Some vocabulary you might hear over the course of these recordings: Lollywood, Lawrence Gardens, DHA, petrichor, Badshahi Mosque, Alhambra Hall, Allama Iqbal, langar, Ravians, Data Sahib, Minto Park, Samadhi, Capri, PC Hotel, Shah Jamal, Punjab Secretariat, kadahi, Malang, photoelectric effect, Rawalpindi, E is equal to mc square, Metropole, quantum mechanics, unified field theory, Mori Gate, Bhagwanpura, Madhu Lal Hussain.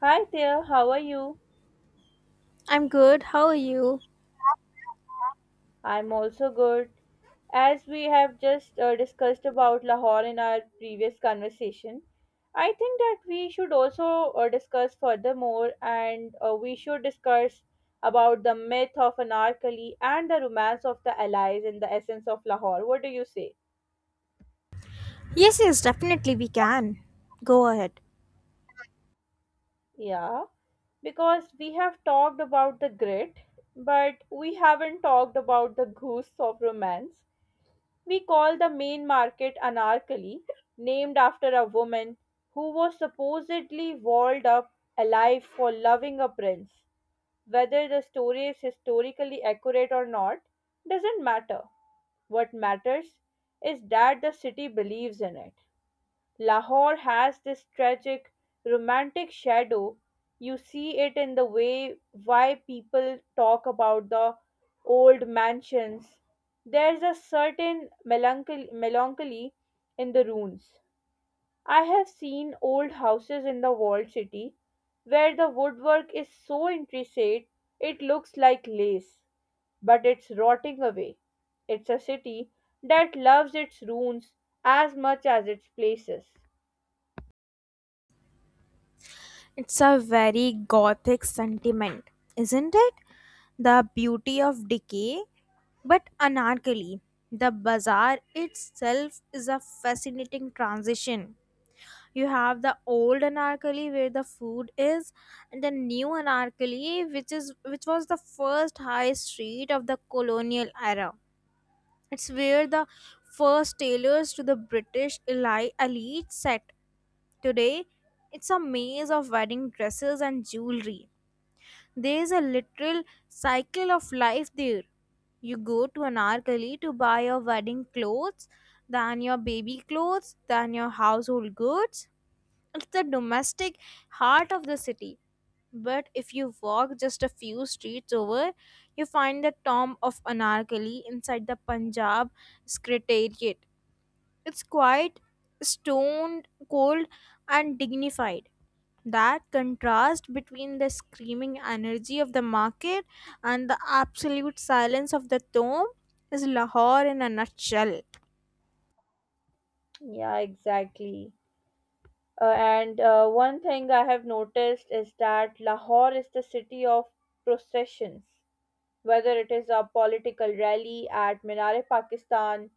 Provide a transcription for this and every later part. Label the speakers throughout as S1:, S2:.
S1: Hi there, how are you?
S2: I'm good. How are you?
S1: I'm also good. As we have just discussed about Lahore in our previous conversation, I think that we should also discuss furthermore and we should discuss about the myth of Anarkali and the romance of the allies in the essence of Lahore. What do you say?
S2: Yes, yes, definitely we can. Go ahead.
S1: Yeah, because we have talked about the grit, but we haven't talked about the goose of romance. We call the main market Anarkali, named after a woman who was supposedly walled up alive for loving a prince. Whether the story is historically accurate or not doesn't matter. What matters is that the city believes in it. Lahore has this tragic, romantic shadow. You see it in the way why people talk about the old mansions. There's a certain melancholy in the ruins. I have seen old houses in the walled city where the woodwork is so intricate it looks like lace, but it's rotting away. It's a city that loves its ruins as much as its places.
S2: It's a very gothic sentiment, isn't it? The beauty of decay, but anarchically. The bazaar itself is a fascinating transition. You have the old anarchally where the food is, and the new anarchally, which was the first high street of the colonial era. It's where the first tailors to the British elite set. Today, it's a maze of wedding dresses and jewelry. There is a literal cycle of life there. You go to Anarkali to buy your wedding clothes, then your baby clothes, then your household goods. It's the domestic heart of the city. But if you walk just a few streets over, you find the tomb of Anarkali inside the Punjab Secretariat. It's quite stone cold and dignified. That contrast between the screaming energy of the market and the absolute silence of the tomb is Lahore in a nutshell.
S1: Yeah, exactly. And one thing I have noticed is that Lahore is the city of processions, whether it is a political rally at Minare Pakistan,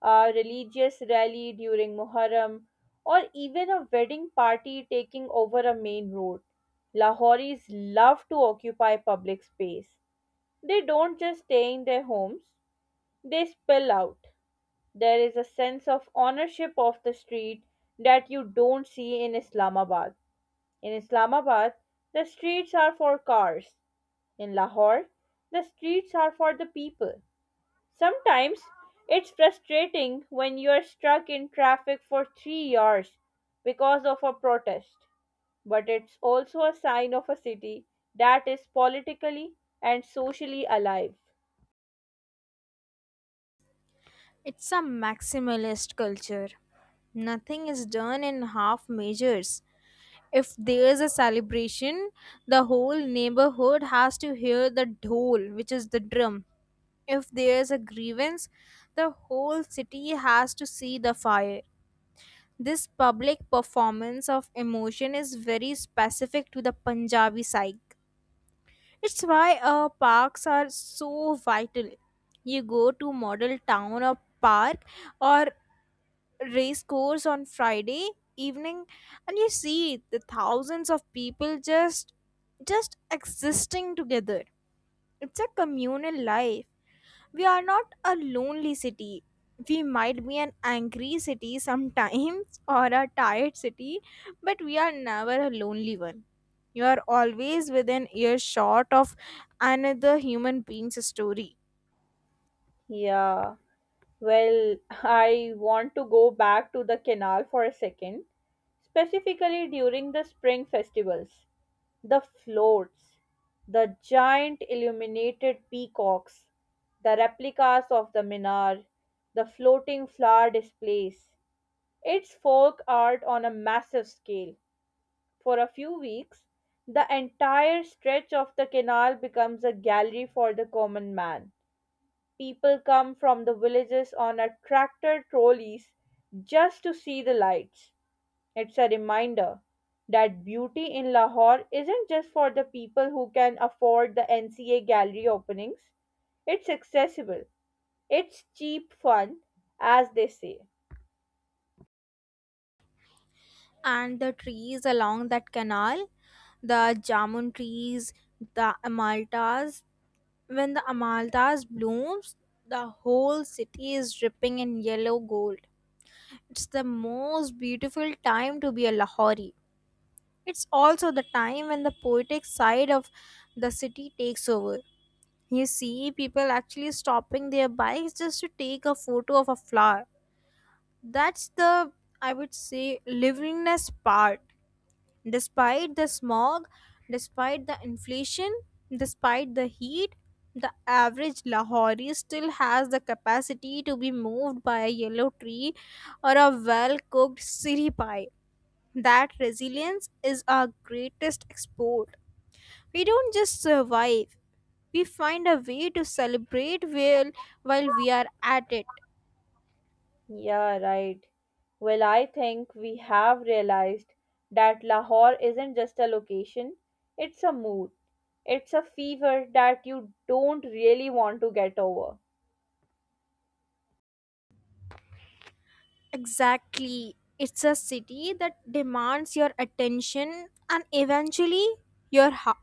S1: a religious rally during Muharram, or even a wedding party taking over a main road. Lahoris love to occupy public space. They don't just stay in their homes, they spill out. There is a sense of ownership of the street that you don't see in Islamabad. In Islamabad, the streets are for cars. In Lahore, the streets are for the people. Sometimes it's frustrating when you're stuck in traffic for 3 hours because of a protest, but it's also a sign of a city that is politically and socially alive.
S2: It's a maximalist culture. Nothing is done in half measures. If there's a celebration, the whole neighborhood has to hear the dhol, which is the drum. If there's a grievance, the whole city has to see the fire. This public performance of emotion is very specific to the Punjabi psyche. It's why our parks are so vital. You go to Model Town or Park or Race Course on Friday evening and you see the thousands of people just existing together. It's a communal life. We are not a lonely city. We might be an angry city sometimes or a tired city, but we are never a lonely one. You are always within earshot of another human being's story.
S1: Yeah. Well, I want to go back to the canal for a second, specifically during the spring festivals. The floats, the giant illuminated peacocks, the replicas of the minar, the floating flower displays. It's folk art on a massive scale. For a few weeks, the entire stretch of the canal becomes a gallery for the common man. People come from the villages on a tractor trolleys just to see the lights. It's a reminder that beauty in Lahore isn't just for the people who can afford the NCA gallery openings. It's accessible. It's cheap fun, as they say.
S2: And the trees along that canal, the jamun trees, the amaltas, when the amaltas blooms, the whole city is dripping in yellow gold. It's the most beautiful time to be a Lahori. It's also the time when the poetic side of the city takes over. You see people actually stopping their bikes just to take a photo of a flower. That's the, I would say, livingness part. Despite the smog, despite the inflation, despite the heat, the average Lahori still has the capacity to be moved by a yellow tree or a well cooked siri pie. That resilience is our greatest export. We don't just survive, we find a way to celebrate while we are at it.
S1: Yeah, right. Well, I think we have realized that Lahore isn't just a location, it's a mood. It's a fever that you don't really want to get over.
S2: Exactly. It's a city that demands your attention and eventually your heart.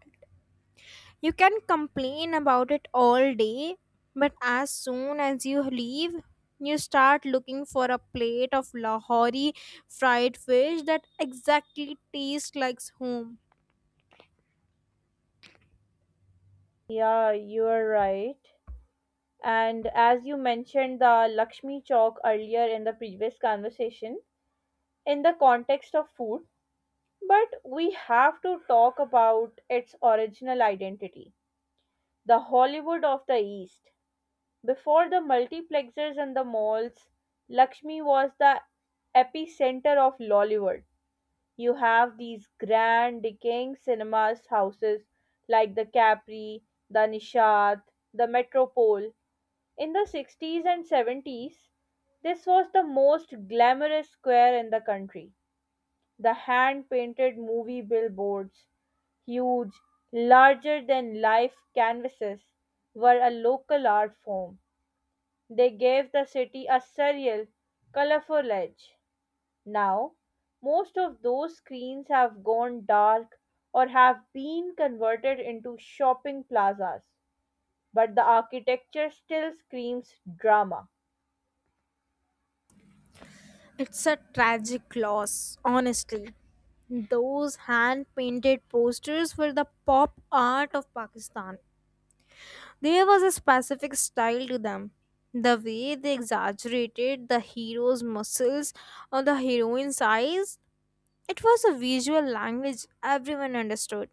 S2: You can complain about it all day, but as soon as you leave, you start looking for a plate of Lahori fried fish that exactly tastes like home.
S1: Yeah, you are right. And as you mentioned the Lakshmi Chowk earlier in the previous conversation, in the context of food, but we have to talk about its original identity, the Hollywood of the East. Before the multiplexers and the malls, Lakshmi was the epicenter of Lollywood. You have these grand decaying cinemas houses like the Capri, the Nishad, the Metropole. In the 60s and 70s, this was the most glamorous square in the country. The hand painted movie billboards, huge, larger than life canvases, were a local art form. They gave the city a surreal, colorful edge. Now, most of those screens have gone dark or have been converted into shopping plazas, but the architecture still screams drama.
S2: It's a tragic loss, honestly. Those hand painted posters were the pop art of Pakistan. There was a specific style to them. The way they exaggerated the hero's muscles or the heroine's eyes. It was a visual language everyone understood.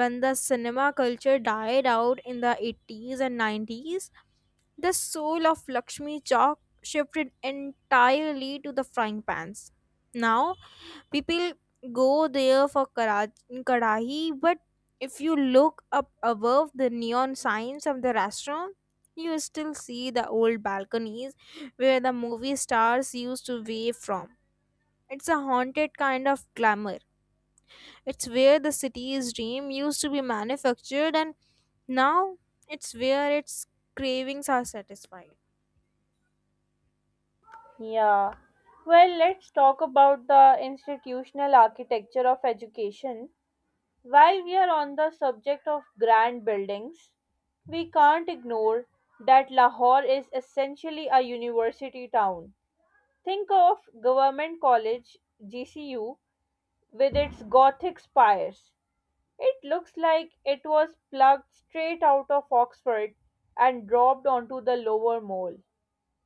S2: When the cinema culture died out in the 80s and 90s, the soul of Lakshmi Chowk shifted entirely to the frying pans. Now, people go there for kadahi, but if you look up above the neon signs of the restaurant, you still see the old balconies where the movie stars used to wave from. It's a haunted kind of glamour. It's where the city's dream used to be manufactured, and now it's where its cravings are satisfied.
S1: Yeah. Well, let's talk about the institutional architecture of education. While we are on the subject of grand buildings, we can't ignore that Lahore is essentially a university town. Think of Government College, GCU, with its Gothic spires. It looks like it was plucked straight out of Oxford and dropped onto the lower mole.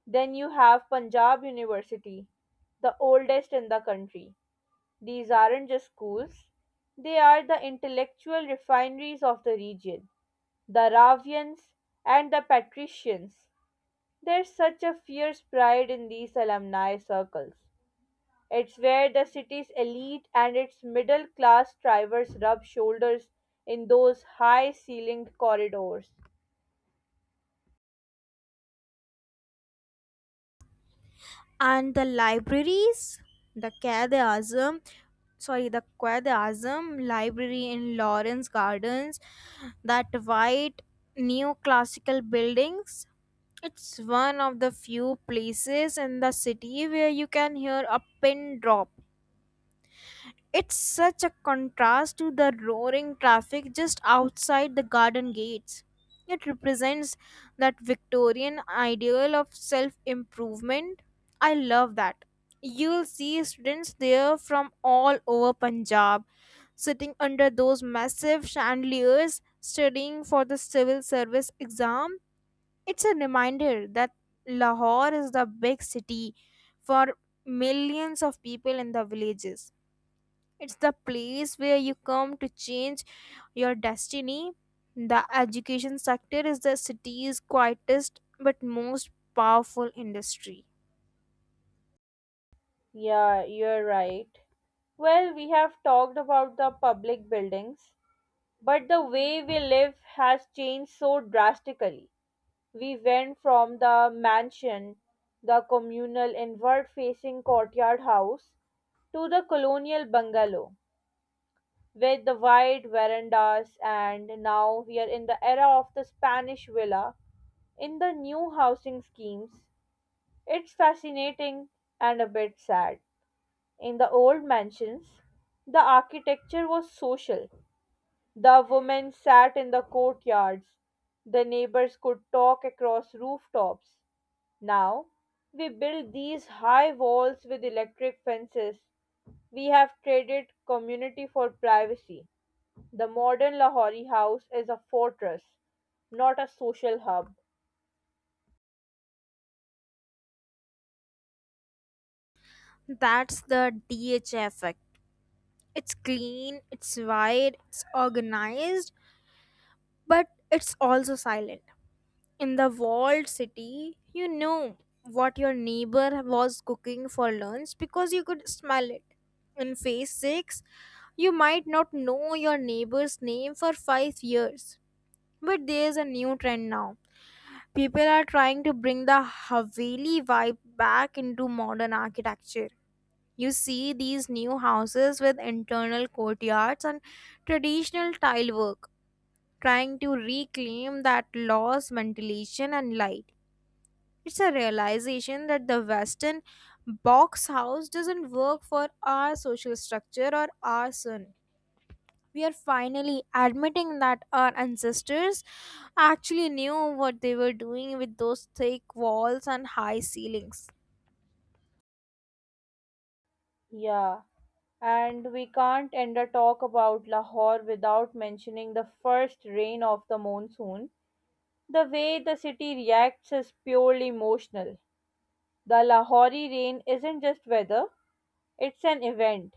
S1: Then you have Punjab University, the oldest in the country. These aren't just schools, they are the intellectual refineries of the region. The Ravians and the Patricians. There's such a fierce pride in these alumni circles. It's where the city's elite and its middle class strivers rub shoulders in those high ceilinged corridors.
S2: And the libraries, the Quai de Azam, sorry, the Quai de Azam Library in Lawrence Gardens, that white neoclassical buildings. It's one of the few places in the city where you can hear a pin drop. It's such a contrast to the roaring traffic just outside the garden gates. It represents that Victorian ideal of self improvement. I love that. You'll see students there from all over Punjab sitting under those massive chandeliers studying for the civil service exam. It's a reminder that Lahore is the big city for millions of people in the villages. It's the place where you come to change your destiny. The education sector is the city's quietest but most powerful industry.
S1: Yeah, you're right. Well, we have talked about the public buildings, but the way we live has changed so drastically. We went from the mansion, the communal inward facing courtyard house, to the colonial bungalow with the wide verandas, and now we are in the era of the Spanish villa in the new housing schemes. It's fascinating and a bit sad. In the old mansions, the architecture was social. The women sat in the courtyards. The neighbors could talk across rooftops. Now, we build these high walls with electric fences. We have traded community for privacy. The modern Lahori house is a fortress, not a social hub.
S2: That's the DHA effect. It's clean, it's wide, it's organized, but it's also silent. In the walled city, you know what your neighbor was cooking for lunch because you could smell it. In phase 6, you might not know your neighbor's name for 5 years. But there's a new trend now. People are trying to bring the Haveli vibe back into modern architecture. You see these new houses with internal courtyards and traditional tile work, trying to reclaim that lost ventilation and light. It's a realization that the Western box house doesn't work for our social structure or our sun. We are finally admitting that our ancestors actually knew what they were doing with those thick walls and high ceilings.
S1: Yeah, and we can't end a talk about Lahore without mentioning the first rain of the monsoon. The way the city reacts is purely emotional. The Lahori rain isn't just weather, it's an event.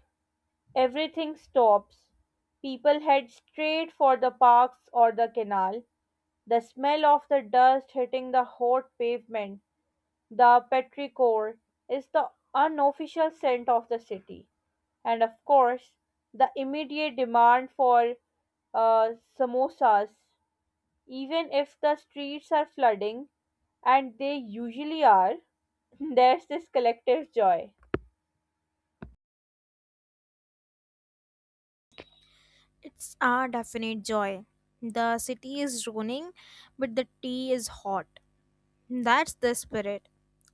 S1: Everything stops. People head straight for the parks or the canal. The smell of the dust hitting the hot pavement, the petrichor, is the unofficial scent of the city. And of course, the immediate demand for uh, samosas, even if the streets are flooding, and they usually are, there's this collective joy.
S2: It's our definite joy. The city is droning, but the tea is hot. That's the spirit.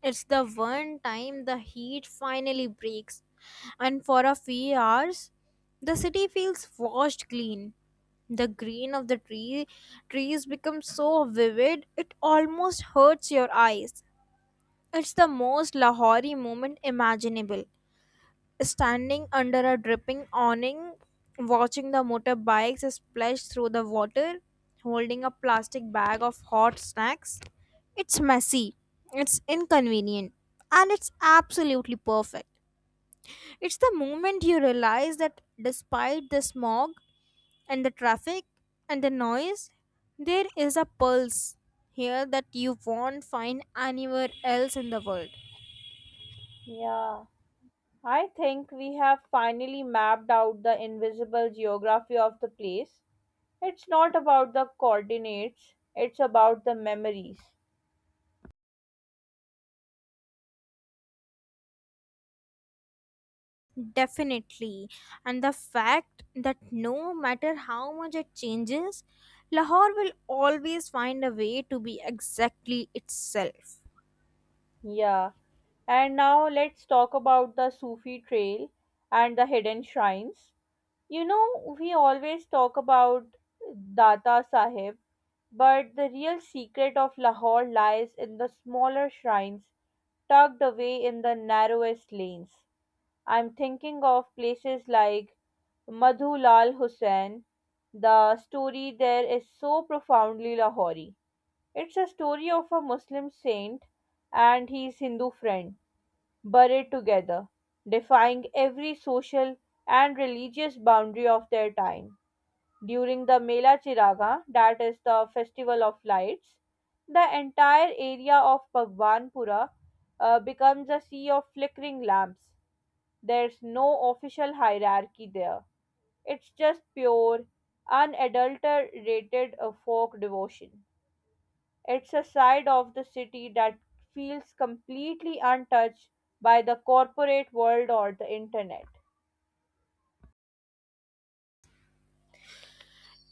S2: It's the one time the heat finally breaks and for a few hours the city feels washed clean. The green of the trees becomes so vivid it almost hurts your eyes. It's the most Lahori moment imaginable. Standing under a dripping awning, watching the motorbikes splash through the water, holding a plastic bag of hot snacks. It's messy, it's inconvenient, and it's absolutely perfect. It's the moment you realize that despite the smog and the traffic and the noise, there is a pulse here that you won't find anywhere else in the world.
S1: Yeah, I think we have finally mapped out the invisible geography of the place. It's not about the coordinates, it's about the memories.
S2: Definitely. And the fact that no matter how much it changes, Lahore will always find a way to be exactly itself.
S1: Yeah, and now let's talk about the Sufi trail and the hidden shrines. You know, we always talk about Data Sahib, but the real secret of Lahore lies in the smaller shrines tucked away in the narrowest lanes. I'm thinking of places like Madhu Lal Hussain. The story there is so profoundly Lahori. It's a story of a Muslim saint and his Hindu friend buried together, defying every social and religious boundary of their time. During the Mela Chiraga, that is the festival of lights, the entire area of Bhagwanpura becomes a sea of flickering lamps. There's no official hierarchy there. It's just pure, unadulterated folk devotion. It's a side of the city that feels completely untouched by the corporate world or the internet.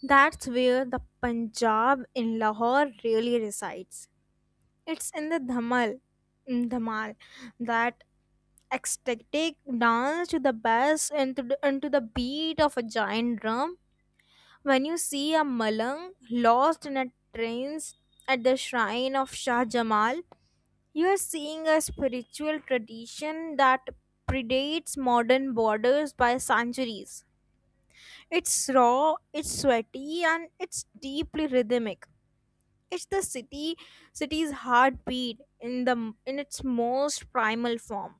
S2: That's where the Punjab in Lahore really resides. It's in the Dhamal, in Dhamal, that ecstatic dance to the bass and to the beat of a giant drum. When you see a Malang lost in a trance at the shrine of Shah Jamal, you are seeing a spiritual tradition that predates modern borders by centuries. It's raw, it's sweaty, and it's deeply rhythmic. It's the city's heartbeat in its most primal form.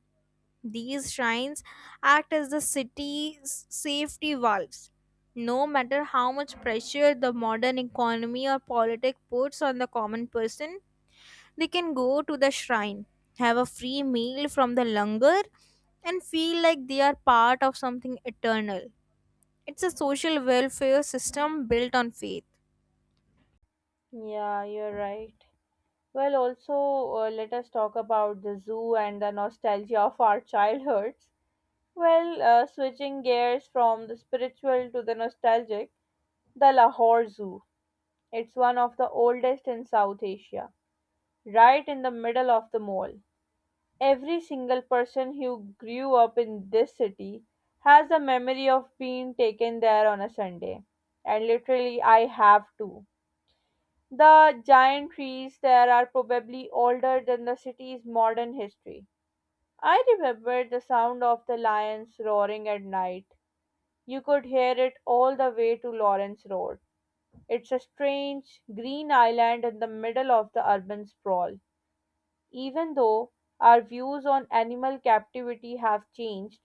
S2: These shrines act as the city's safety valves. No matter how much pressure the modern economy or politics puts on the common person, they can go to the shrine, have a free meal from the langar, and feel like they are part of something eternal. It's a social welfare system built on faith.
S1: Yeah, you're right. Well, also, let us talk about the zoo and the nostalgia of our childhoods. Well, switching gears from the spiritual to the nostalgic, the Lahore Zoo. It's one of the oldest in South Asia, right in the middle of the mall. Every single person who grew up in this city has a memory of being taken there on a Sunday. And literally, I have too. The giant trees there are probably older than the city's modern history. I remember the sound of the lions roaring at night. You could hear it all the way to Lawrence Road. It's a strange, green island in the middle of the urban sprawl. Even though our views on animal captivity have changed,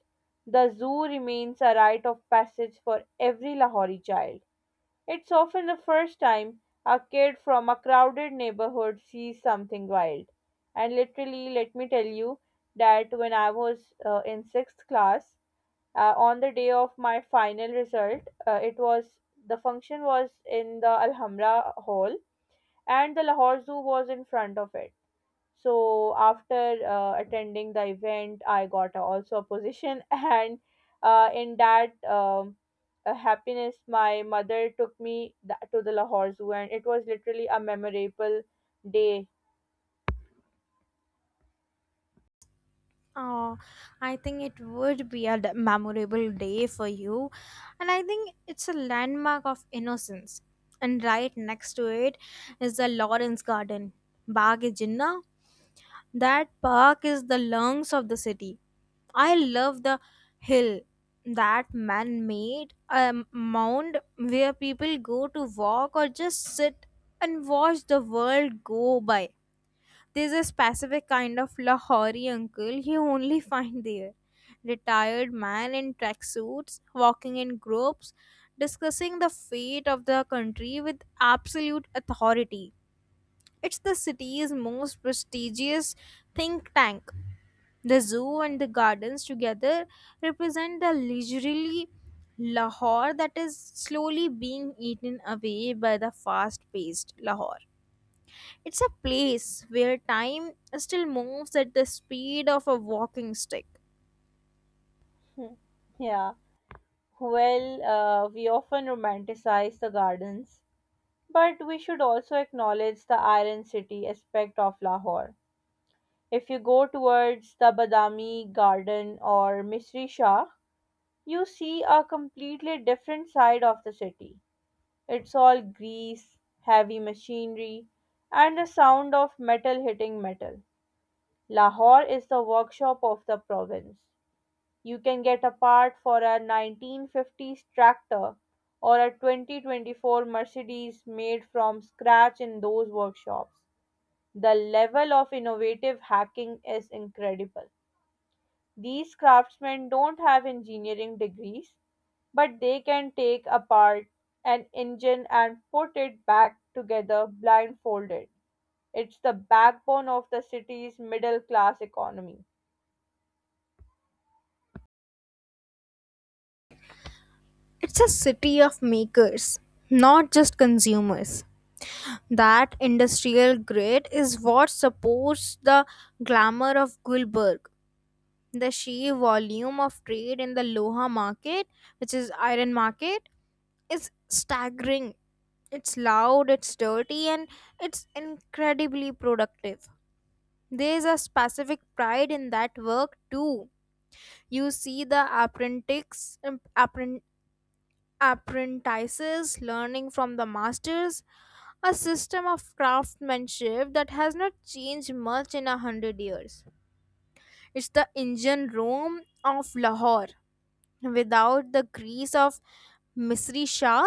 S1: the zoo remains a rite of passage for every Lahori child. It's often the first time a kid from a crowded neighborhood sees something wild. And literally, let me tell you that when I was in sixth class, on the day of my final result it was, the function was in the Alhambra hall and the Lahore zoo was in front of it, so after attending the event I got also a position and in that happiness my mother took me to the Lahore zoo and it was literally a memorable day.
S2: Oh, I think it would be a memorable day for you. And I think it's a landmark of innocence. And right next to it is the Lawrence Garden, Bagh e Jinnah. That park is the lungs of the city. I love the hill, that man made a mound where people go to walk or just sit and watch the world go by. There's a specific kind of Lahori uncle you only find there. Retired man in tracksuits, walking in groups, discussing the fate of the country with absolute authority. It's the city's most prestigious think tank. The zoo and the gardens together represent the leisurely Lahore that is slowly being eaten away by the fast paced Lahore. It's a place where time still moves at the speed of a walking stick.
S1: Yeah, well, we often romanticize the gardens, but we should also acknowledge the Iron City aspect of Lahore. If you go towards the Badami Garden or Misri Shah, you see a completely different side of the city. It's all grease, heavy machinery, and the sound of metal hitting metal. Lahore is the workshop of the province. You can get a part for a 1950s tractor or a 2024 Mercedes made from scratch in those workshops. The level of innovative hacking is incredible. These craftsmen don't have engineering degrees, but they can take apart an engine and put it back together blindfolded. It's the backbone of the city's middle class economy.
S2: It's a city of makers, not just consumers. That industrial grid is what supports the glamour of Gulberg. The sheer volume of trade in the Loha market, which is iron market, is staggering. It's loud, it's dirty, and it's incredibly productive. There's a specific pride in that work too. You see the apprentices, appren- apprentices learning from the masters, a system of craftsmanship that has not changed much in a hundred years. It's the engine room of Lahore. Without the grease of Misri Shah,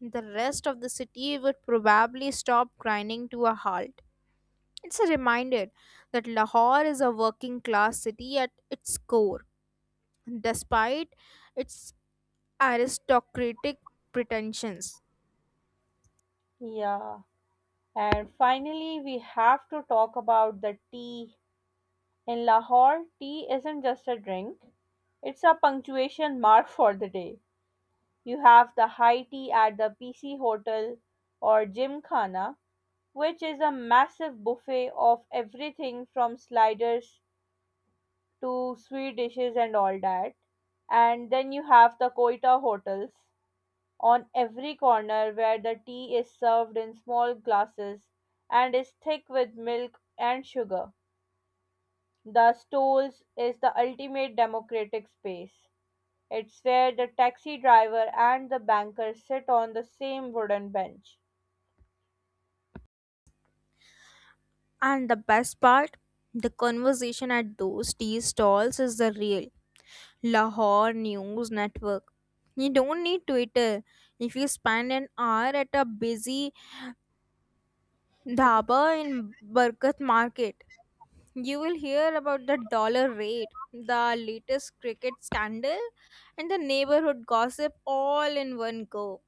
S2: the rest of the city would probably stop grinding to a halt. It's a reminder that Lahore is a working class city at its core, despite its aristocratic pretensions.
S1: Yeah. And finally, we have to talk about the tea. In Lahore, tea isn't just a drink, it's a punctuation mark for the day. You have the high tea at the PC Hotel or Gymkhana, which is a massive buffet of everything from sliders to sweet dishes and all that. And then you have the Koita hotels on every corner where the tea is served in small glasses and is thick with milk and sugar. The stalls is the ultimate democratic space. It's where the taxi driver and the banker sit on the same wooden bench.
S2: And the best part, the conversation at those tea stalls is the real Lahore News Network. You don't need Twitter. If you spend an hour at a busy dhaba in Barkat Market, you will hear about the dollar rate, the latest cricket scandal, and the neighborhood gossip all in one go.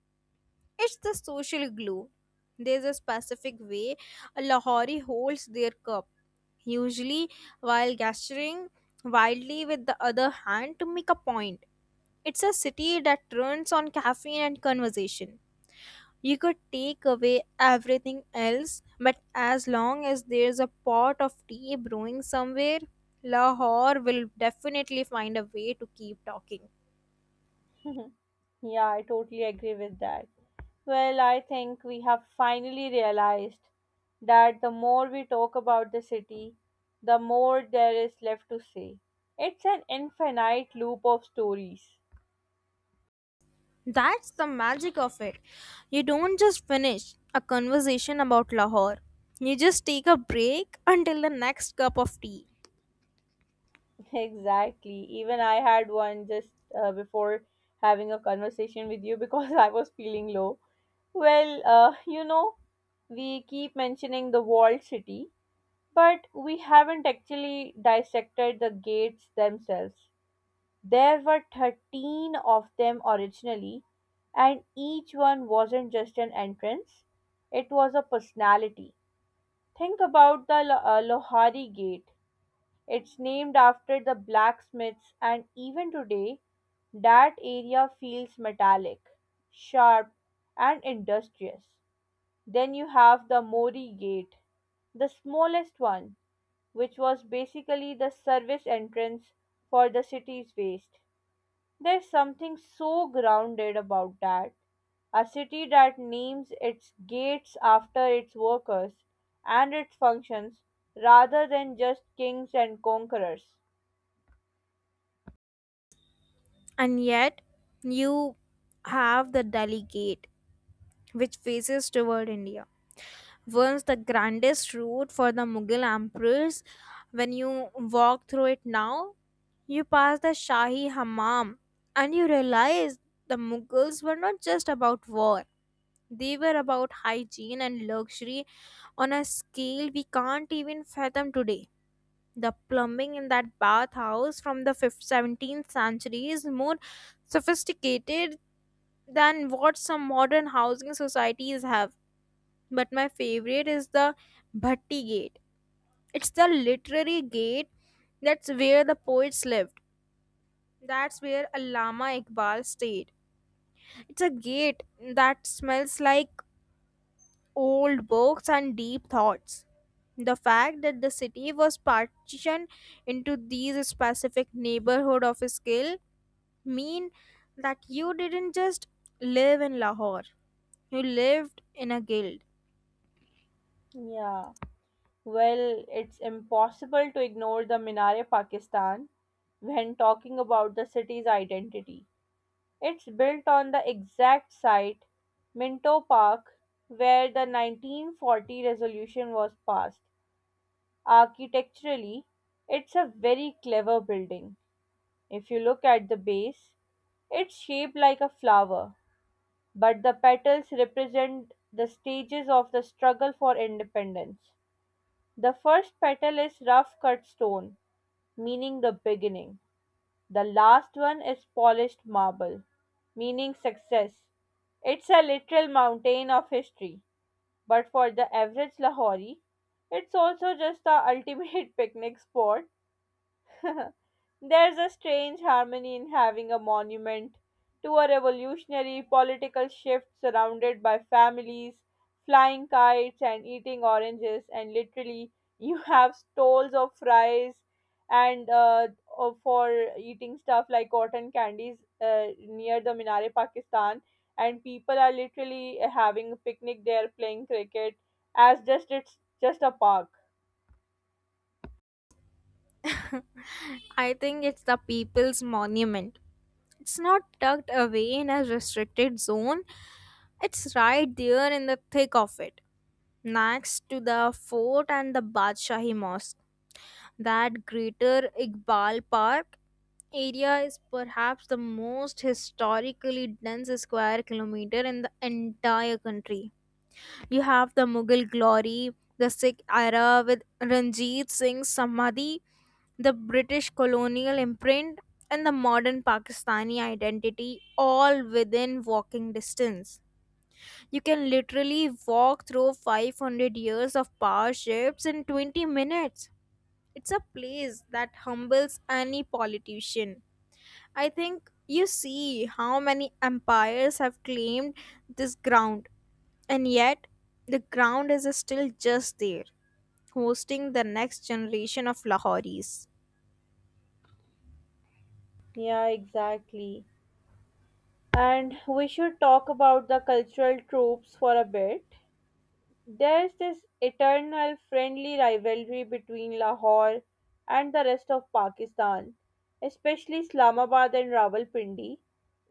S2: It's the social glue. There's a specific way a Lahori holds their cup, usually while gesturing wildly with the other hand to make a point. It's a city that turns on caffeine and conversation. You could take away everything else, but as long as there's a pot of tea brewing somewhere, Lahore will definitely find a way to keep talking.
S1: Yeah, I totally agree with that. Well, I think we have finally realized that the more we talk about the city, the more there is left to say. It's an infinite loop of stories.
S2: That's the magic of it. You don't just finish a conversation about Lahore, you just take a break until the next cup of tea.
S1: Exactly. Even I had one just before having a conversation with you because I was feeling low. Well, you know, we keep mentioning the walled city, but we haven't actually dissected the gates themselves. There were 13 of them originally, and each one wasn't just an entrance, it was a personality. Think about the Lohari Gate. It's named after the blacksmiths, and even today, that area feels metallic, sharp, and industrious. Then you have the Mori Gate, the smallest one, which was basically the service entrance for the city's waste. There's something so grounded about that. A city that names its gates after its workers and its functions rather than just kings and conquerors.
S2: And yet, you have the Delhi Gate, which faces toward India. Once the grandest route for the Mughal emperors, when you walk through it now, you pass the Shahi Hammam and you realize the Mughals were not just about war. They were about hygiene and luxury on a scale we can't even fathom today. The plumbing in that bathhouse from the 17th century is more sophisticated than what some modern housing societies have. But my favorite is the Bhatti Gate. It's the literary gate, that's where the poets lived. That's where Allama Iqbal stayed. It's a gate that smells like old books and deep thoughts. The fact that the city was partitioned into these specific neighborhood of skill mean that you didn't just live in Lahore. You lived in a guild.
S1: Yeah, well, it's impossible to ignore the Minare Pakistan when talking about the city's identity. It's built on the exact site, Minto Park, where the 1940 resolution was passed. Architecturally, it's a very clever building. If you look at the base, it's shaped like a flower, but the petals represent the stages of the struggle for independence. The first petal is rough cut stone, meaning the beginning. The last one is polished marble, meaning success. It's a literal mountain of history, but for the average Lahori, it's also just the ultimate picnic spot. There's a strange harmony in having a monument to a revolutionary political shift surrounded by families flying kites and eating oranges, and literally, you have stalls of fries and for eating stuff like cotton candies near the Minare, Pakistan. And people are literally having a picnic there playing cricket as just, it's just a park.
S2: I think it's the people's monument. It's not tucked away in a restricted zone. It's right there in the thick of it, next to the fort and the Badshahi Mosque. That greater Iqbal Park area is perhaps the most historically dense square kilometer in the entire country. You have the Mughal glory, the Sikh era with Ranjit Singh's Samadhi, the British colonial imprint, and the modern Pakistani identity all within walking distance. You can literally walk through 500 years of power shifts in 20 minutes. It's a place that humbles any politician. I think you see how many empires have claimed this ground, and yet the ground is still just there, hosting the next generation of Lahoris.
S1: Yeah, exactly. And we should talk about the cultural tropes for a bit. There's this eternal friendly rivalry between Lahore and the rest of Pakistan, especially Islamabad and Rawalpindi.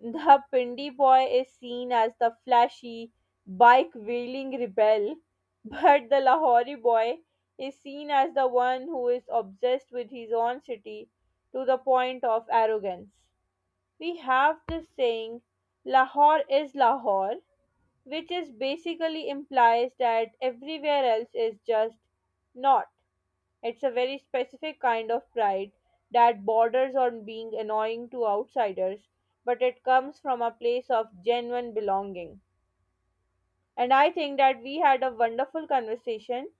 S1: The Pindi boy is seen as the flashy, bike wielding rebel, but the Lahori boy is seen as the one who is obsessed with his own city to the point of arrogance. We have this saying, Lahore is Lahore, which is basically implies that everywhere else is just not. It's a very specific kind of pride that borders on being annoying to outsiders, but it comes from a place of genuine belonging, and I think that we had a wonderful conversation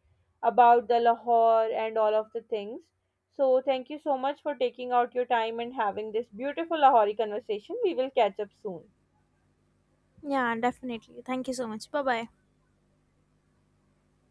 S1: about the Lahore and all of the things, so thank you so much for taking out your time and having this beautiful Lahori conversation. We will catch up soon.
S2: Yeah, definitely. Thank you so much. Bye bye.